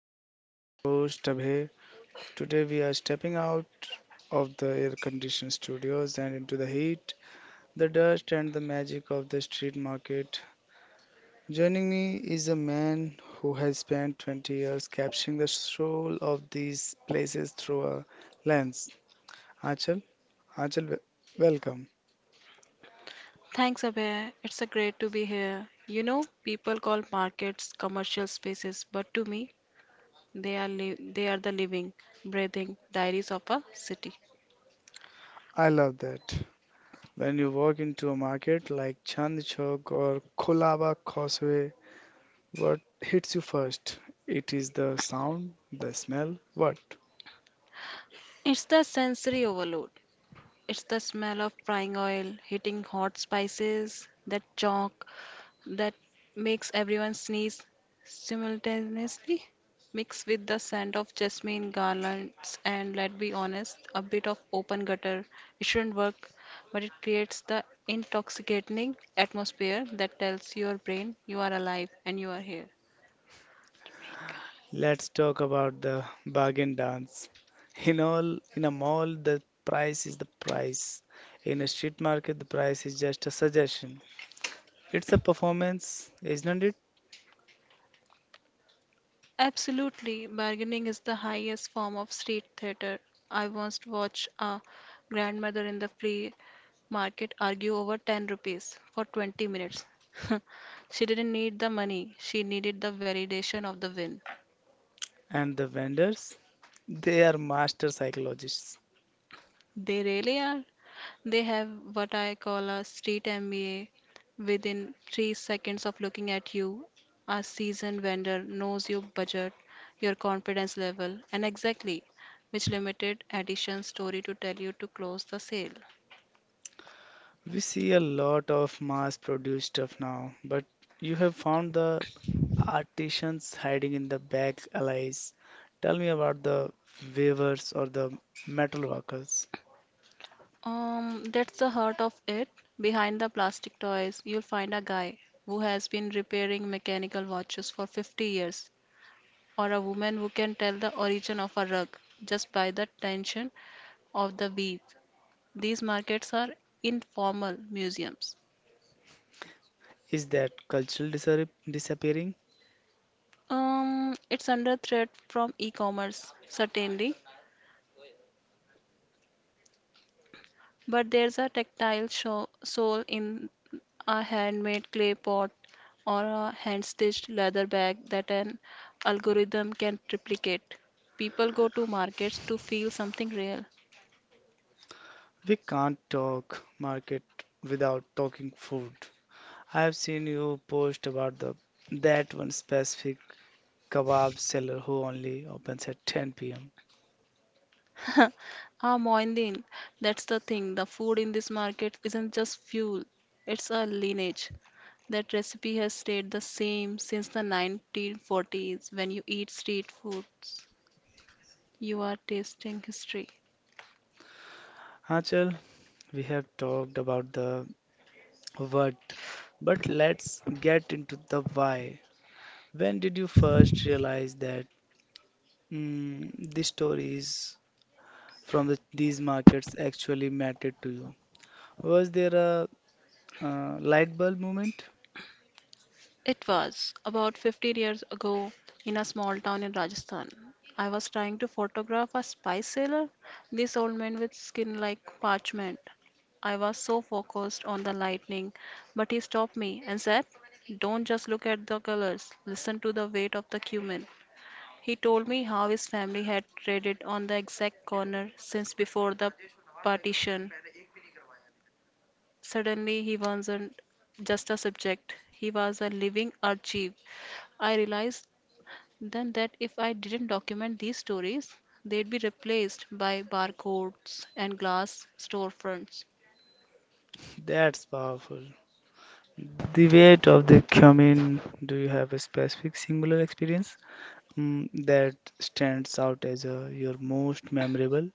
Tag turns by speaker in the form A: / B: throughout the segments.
A: Pulse. I'm your host, Abhay. Today, we are stepping out of the air conditioned studios and into the heat, the dust, and the magic of the street market. Joining me is a man who has spent 20 years capturing the soul of these places through a lens. Achal, Achal, wel- welcome.
B: Thanks, Abhay. It's a great to be here. You know, people call markets commercial spaces, but to me, they are they are the living, breathing diaries of a city.
A: I love that. When you walk into a market like Chandni Chowk or Kolaba Causeway, what hits you first? It is the sound, the smell, what?
B: It's the sensory overload. It's the smell of frying oil, hitting hot spices, that chalk that makes everyone sneeze simultaneously, mixed with the scent of jasmine garlands and, let's be honest, a bit of open gutter. It shouldn't work, but it creates the intoxicating atmosphere that tells your brain you are alive and you are here.
A: Let's talk about the bargain dance. In a mall, the price is the price. In a street market, the price is just a suggestion. It's a performance, isn't it?
B: Absolutely, bargaining is the highest form of street theater. I once watched a grandmother in the flea market argue over 10 rupees for 20 minutes. She didn't need the money, she needed the validation of the win.
A: And the vendors, they are master psychologists.
B: They really are. They have what I call a street MBA. Within 3 seconds of looking at you, a seasoned vendor knows your budget, your confidence level, and exactly which limited edition story to tell you to close the sale.
A: We see a lot of mass produced stuff now, but you have found the artisans hiding in the back alleys. Tell me about the weavers or the metal workers.
B: That's the heart of it. Behind the plastic toys, you'll find a guy who has been repairing mechanical watches for 50 years, or a woman who can tell the origin of a rug just by the tension of the week. These markets are informal museums.
A: Is that disappearing?
B: It's under threat from e-commerce, certainly, but there's a tactile show, soul in a handmade clay pot or a hand-stitched leather bag that an algorithm can replicate. People go to markets to feel something real.
A: We can't talk market without talking food. I have seen you post about the that one specific kebab seller who only opens at 10 p.m.
B: Ah, Moindin, that's the thing. The food in this market isn't just fuel, it's a lineage. That recipe has stayed the same since the 1940s. When you eat street foods, you are tasting history.
A: Achal, we have talked about the what? But let's get into the why. When did you first realize that the stories from these markets actually mattered to you? Was there a light bulb moment?
B: It was about 15 years ago in a small town in Rajasthan. I was trying to photograph a spice sailor, this old man with skin like parchment. I was so focused on the lightning, but he stopped me and said, "Don't just look at the colors, listen to the weight of the cumin." He told me how his family had traded on the exact corner since before the partition. Suddenly, he wasn't just a subject, he was a living archive. I realized then that if I didn't document these stories, they'd be replaced by barcodes and glass storefronts.
A: That's powerful. The weight of the cumin. Do you have a specific singular experience, that stands out as your most memorable?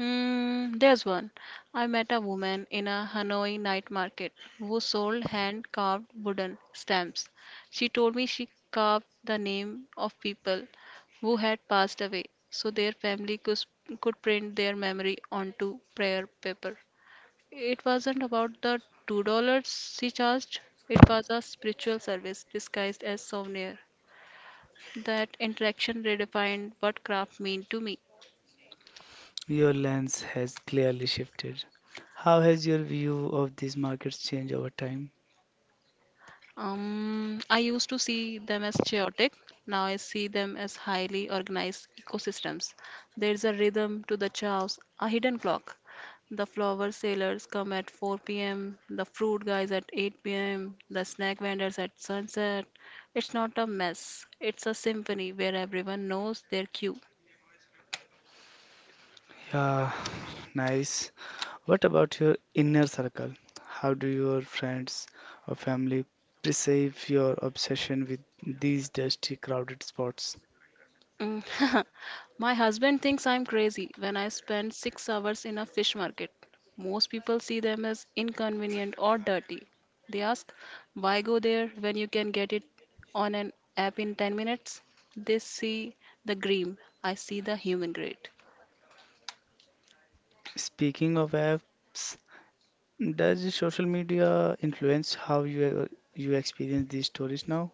B: Mm, there's one. I met a woman in a Hanoi night market who sold hand carved wooden stamps. She told me she carved the name of people who had passed away so their family could print their memory onto prayer paper. It wasn't about the $2 she charged, it was a spiritual service disguised as souvenir. That interaction redefined what craft mean to me.
A: Your lens has clearly shifted. How has your view of these markets changed over time?
B: I used to see them as chaotic. Now I see them as highly organized ecosystems. There's a rhythm to the chaos, a hidden clock. The flower sellers come at 4 p.m., the fruit guys at 8 p.m., the snack vendors at sunset. It's not a mess, it's a symphony where everyone knows their cue.
A: Yeah, nice. What about your inner circle? How do your friends or family perceive your obsession with these dusty, crowded spots?
B: Mm. My husband thinks I'm crazy when I spend 6 hours in a fish market. Most people see them as inconvenient or dirty. They ask, why go there when you can get it on an app in 10 minutes? They see the green. I see the human grade.
A: Speaking of apps, does social media influence how you experience these stories now?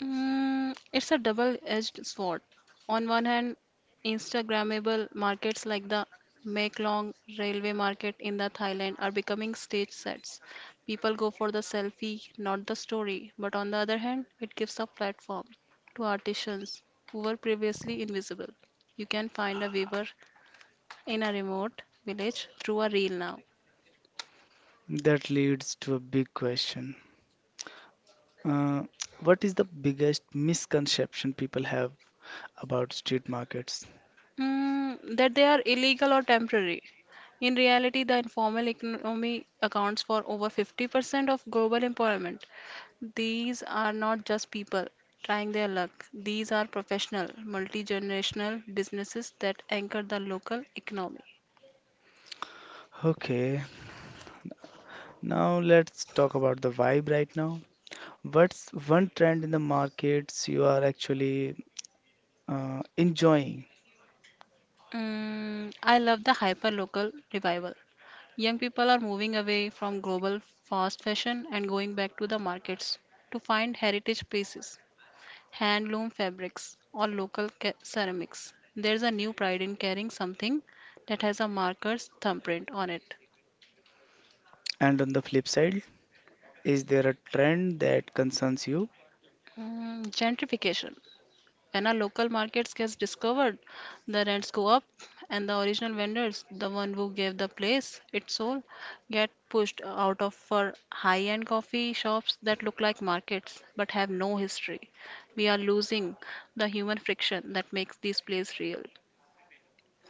B: Mm, it's a double-edged sword. On one hand, Instagrammable markets like the Meklong railway market in the Thailand are becoming stage sets. People go for the selfie, not the story. But on the other hand, it gives a platform to artisans who were previously invisible. You can find a weaver in a remote village through a reel now.
A: That leads to a big question. Uh, what is the biggest misconception people have about street markets?
B: Mm, that they are illegal or temporary. In reality, the informal economy accounts for over 50% of global employment. These are not just people trying their luck, these are professional, multi generational businesses that anchor the local economy.
A: Okay, now let's talk about the vibe right now. What's one trend in the markets you are actually, enjoying?
B: Mm, I love the hyper local revival. Young people are moving away from global fast fashion and going back to the markets to find heritage places, handloom fabrics, or local ceramics. There's a new pride in carrying something that has a marker's thumbprint on it.
A: And on the flip side, is there a trend that concerns you?
B: Mm, gentrification. When a local market gets discovered, the rents go up, and the original vendors, the one who gave the place its soul, get pushed out of for high-end coffee shops that look like markets but have no history. We are losing the human friction that makes these places real.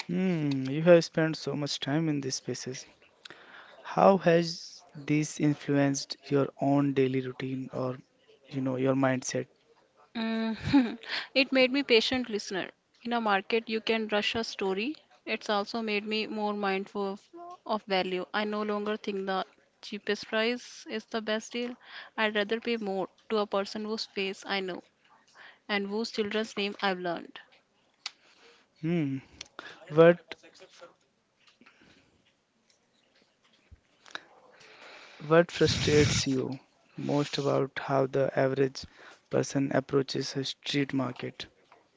A: Hmm, you have spent so much time in these spaces. How has this influenced your own daily routine or, you know, your mindset?
B: Mm, it made me patient listener. In a market, you can rush a story. It's also made me more mindful of value. I no longer think the cheapest price is the best deal. I'd rather pay more to a person whose face I know and whose children's name I've learned.
A: Hmm, what what frustrates you most about how the average person approaches a street market?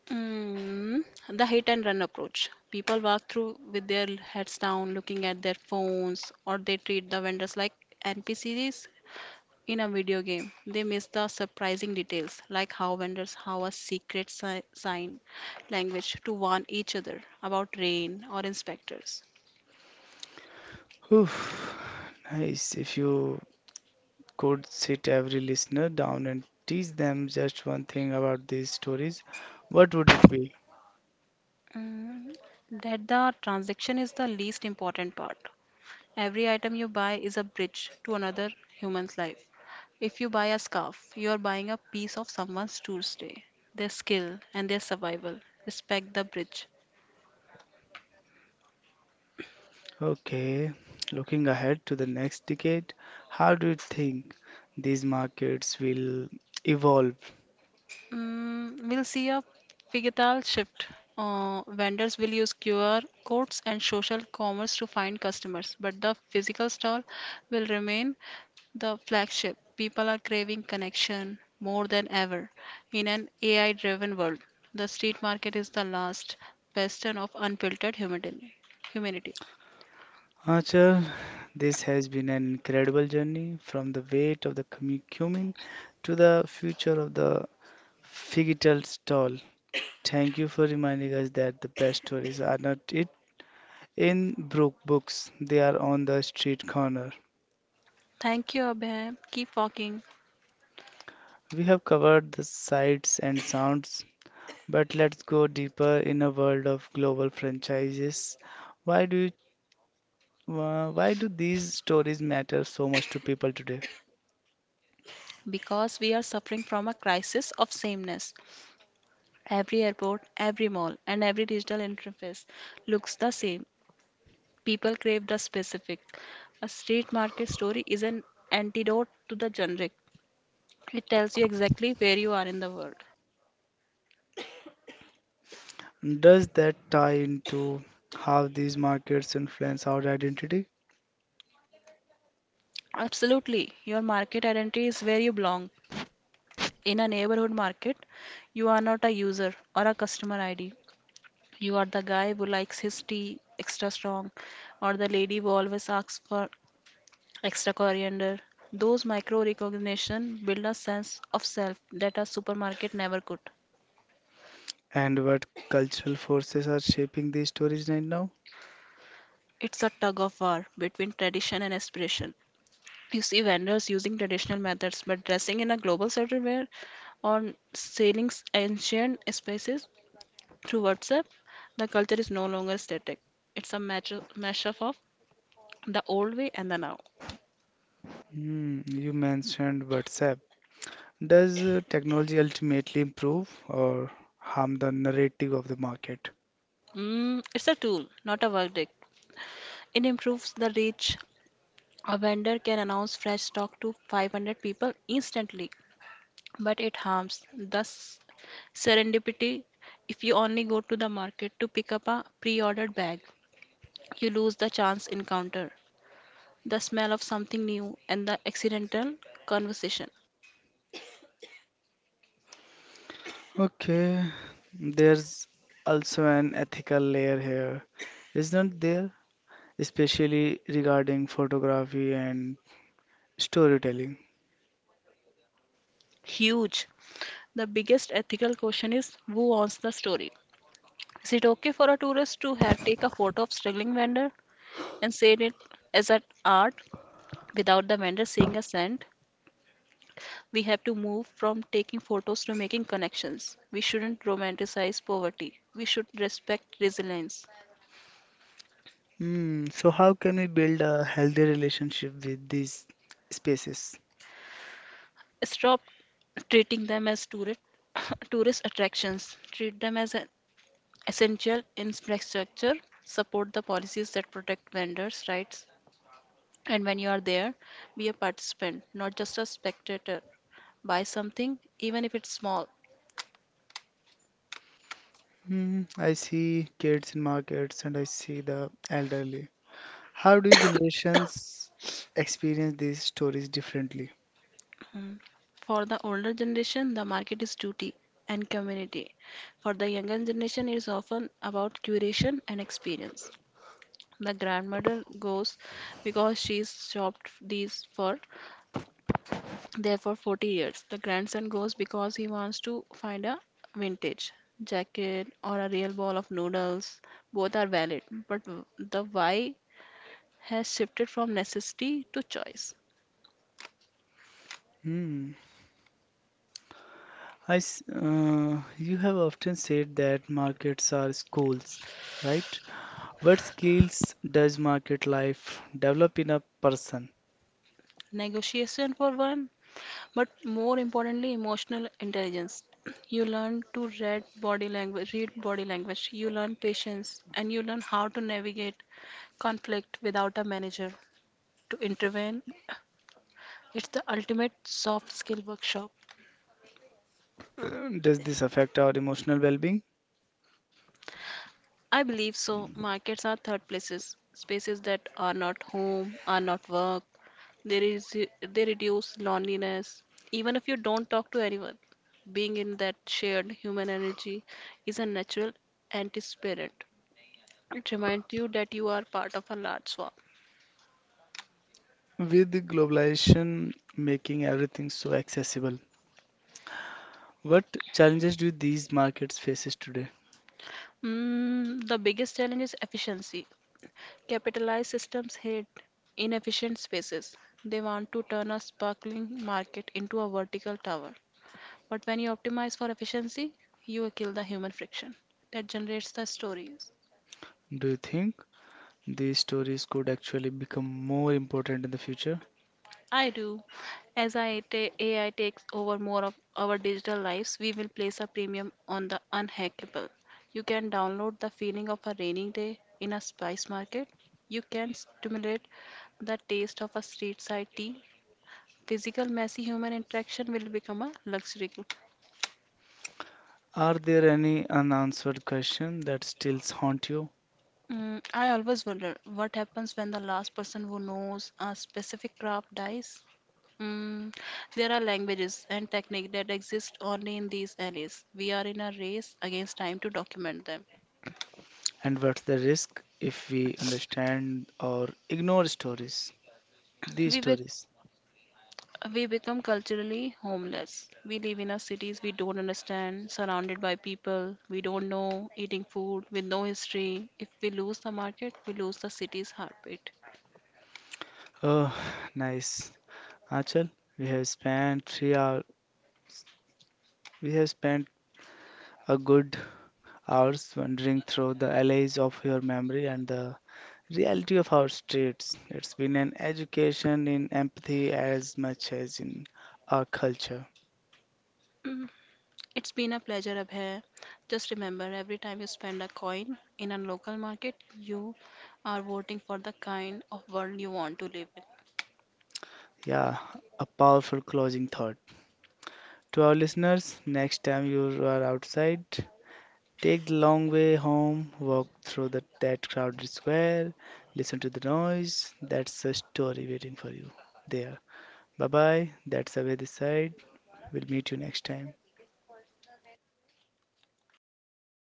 B: Mm, the hit and run approach. People walk through with their heads down, looking at their phones, or they treat the vendors like NPCs in a video game. They miss the surprising details, like how vendors have a secret sign language to warn each other about rain or inspectors.
A: Whew, nice. If you could sit every listener down and teach them just one thing about these stories, what would it be?
B: Mm, that the transaction is the least important part. Every item you buy is a bridge to another human's life. If you buy a scarf, you are buying a piece of someone's Tuesday, their skill, and their survival. Respect the bridge.
A: Okay, looking ahead to the next decade, how do you think these markets will evolve?
B: Mm, we'll see a pivotal shift. Vendors will use QR codes and social commerce to find customers, but the physical stall will remain the flagship. People are craving connection more than ever. In an AI driven world, the street market is the last bastion of unfiltered humanity. humanity.
A: Achal, this has been an incredible journey from the weight of the cumin to the future of the figital stall. Thank you for reminding us that the best stories are not it in brook books, they are on the street corner.
B: Thank you, Abhay. Keep walking.
A: We have covered the sights and sounds, but let's go deeper in a world of global franchises. Why do why do these stories matter so much to people today?
B: Because we are suffering from a crisis of sameness. Every airport, every mall, and every digital interface looks the same. People crave the specific. A street market story is an antidote to the generic. It tells you exactly where you are in the world.
A: Does that tie into how these markets influence our identity,
B: Absolutely. Your market identity is where you belong. In a neighborhood market, you are not a user or a customer ID. You are the guy who likes his tea extra strong, or the lady who always asks for extra coriander. Those micro recognition build a sense of self that a supermarket never could.
A: and what cultural forces are shaping these stories right now?
B: It's a tug of war between tradition and aspiration. You see vendors using traditional methods but dressing in a global certain wear, or selling ancient spices through WhatsApp. The culture is no longer static. It's a match mashup of the old way and the now.
A: Hmm, you mentioned WhatsApp. Does technology ultimately improve or harm the narrative of the market?
B: Mm, it's a tool, not a verdict. It improves the reach. A vendor can announce fresh stock to 500 people instantly, but it harms the serendipity if you only go to the market to pick up a pre ordered bag. You lose the chance encounter, the smell of something new, and the accidental conversation.
A: Okay, there's also an ethical layer here, isn't there? Especially regarding photography and storytelling.
B: Huge. The biggest ethical question is who owns the story? Is it okay for a tourist to take a photo of struggling vendor and say it as an art without the vendor saying a cent? We have to move from taking photos to making connections. We shouldn't romanticize poverty. We should respect resilience.
A: Hmm, so how can we build a healthy relationship with these spaces?
B: Stop treating them as tourist tourist attractions. Treat them as an essential infrastructure. Support the policies that protect vendors' rights. And when you are there, be a participant, not just a spectator. Buy something, even if it's small.
A: Hmm, I see kids in markets and I see the elderly. How do generations experience these stories differently?
B: Mm. For the older generation, the market is duty and community. For the younger generation, it is often about curation and experience. The grandmother goes because she's shopped these for there for 40 years. The grandson goes because he wants to find a vintage jacket or a real bowl of noodles. Both are valid, but the why has shifted from necessity to choice.
A: Hmm, you have often said that markets are schools, right? What skills does market life develop in a person?
B: Negotiation for one, but more importantly emotional intelligence. You learn to read body language read body language, you learn patience, and you learn how to navigate conflict without a manager to intervene. It's the ultimate soft skill workshop.
A: Does this affect our emotional well being?
B: I believe so. Markets are third places, spaces that are not home, are not work. There is They reduce loneliness, even if you don't talk to anyone, being in that shared human energy is a natural antispirant. It reminds you that you are part of a large swarm.
A: With globalization making everything so accessible, what challenges do these markets faces today?
B: Mm, the biggest challenge is efficiency. Capitalized systems hate inefficient spaces. They want to turn a sparkling market into a vertical tower. But when you optimize for efficiency, you kill the human friction that generates the stories.
A: Do you think these stories could actually become more important in the future?
B: I do. As I AI takes over more of our digital lives, we will place a premium on the unhackable. You can download the feeling of a rainy day in a spice market. You can stimulate the taste of a street side tea. Physical, messy human interaction will become a luxury.
A: Are there any unanswered questions that still haunt you?
B: Mm, I always wonder what happens when the last person who knows a specific craft dies. Mm, there are languages and techniques that exist only in these alleys. We are in a race against time to document them.
A: And what's the risk if we understand or ignore stories? These
B: We will.
A: stories.
B: We become culturally homeless. We live in our cities we don't understand, surrounded by people we don't know, eating food with no history. If we lose the market, we lose the city's heartbeat.
A: Oh, nice. Achal, we have spent 3 hours. We have spent a good hours wandering through the alleys of your memory and the reality of our streets. It's been an education in empathy as much as in our culture.
B: It's been a pleasure, Abhay. Just remember, every time you spend a coin in a local market, you are voting for the kind of world you want to live in.
A: Yeah, a powerful closing thought. To our listeners, next time you are outside, take the long way home, walk through that crowded square, listen to the noise. That's a story waiting for you there. Bye bye. That's away this side. We'll meet you next time.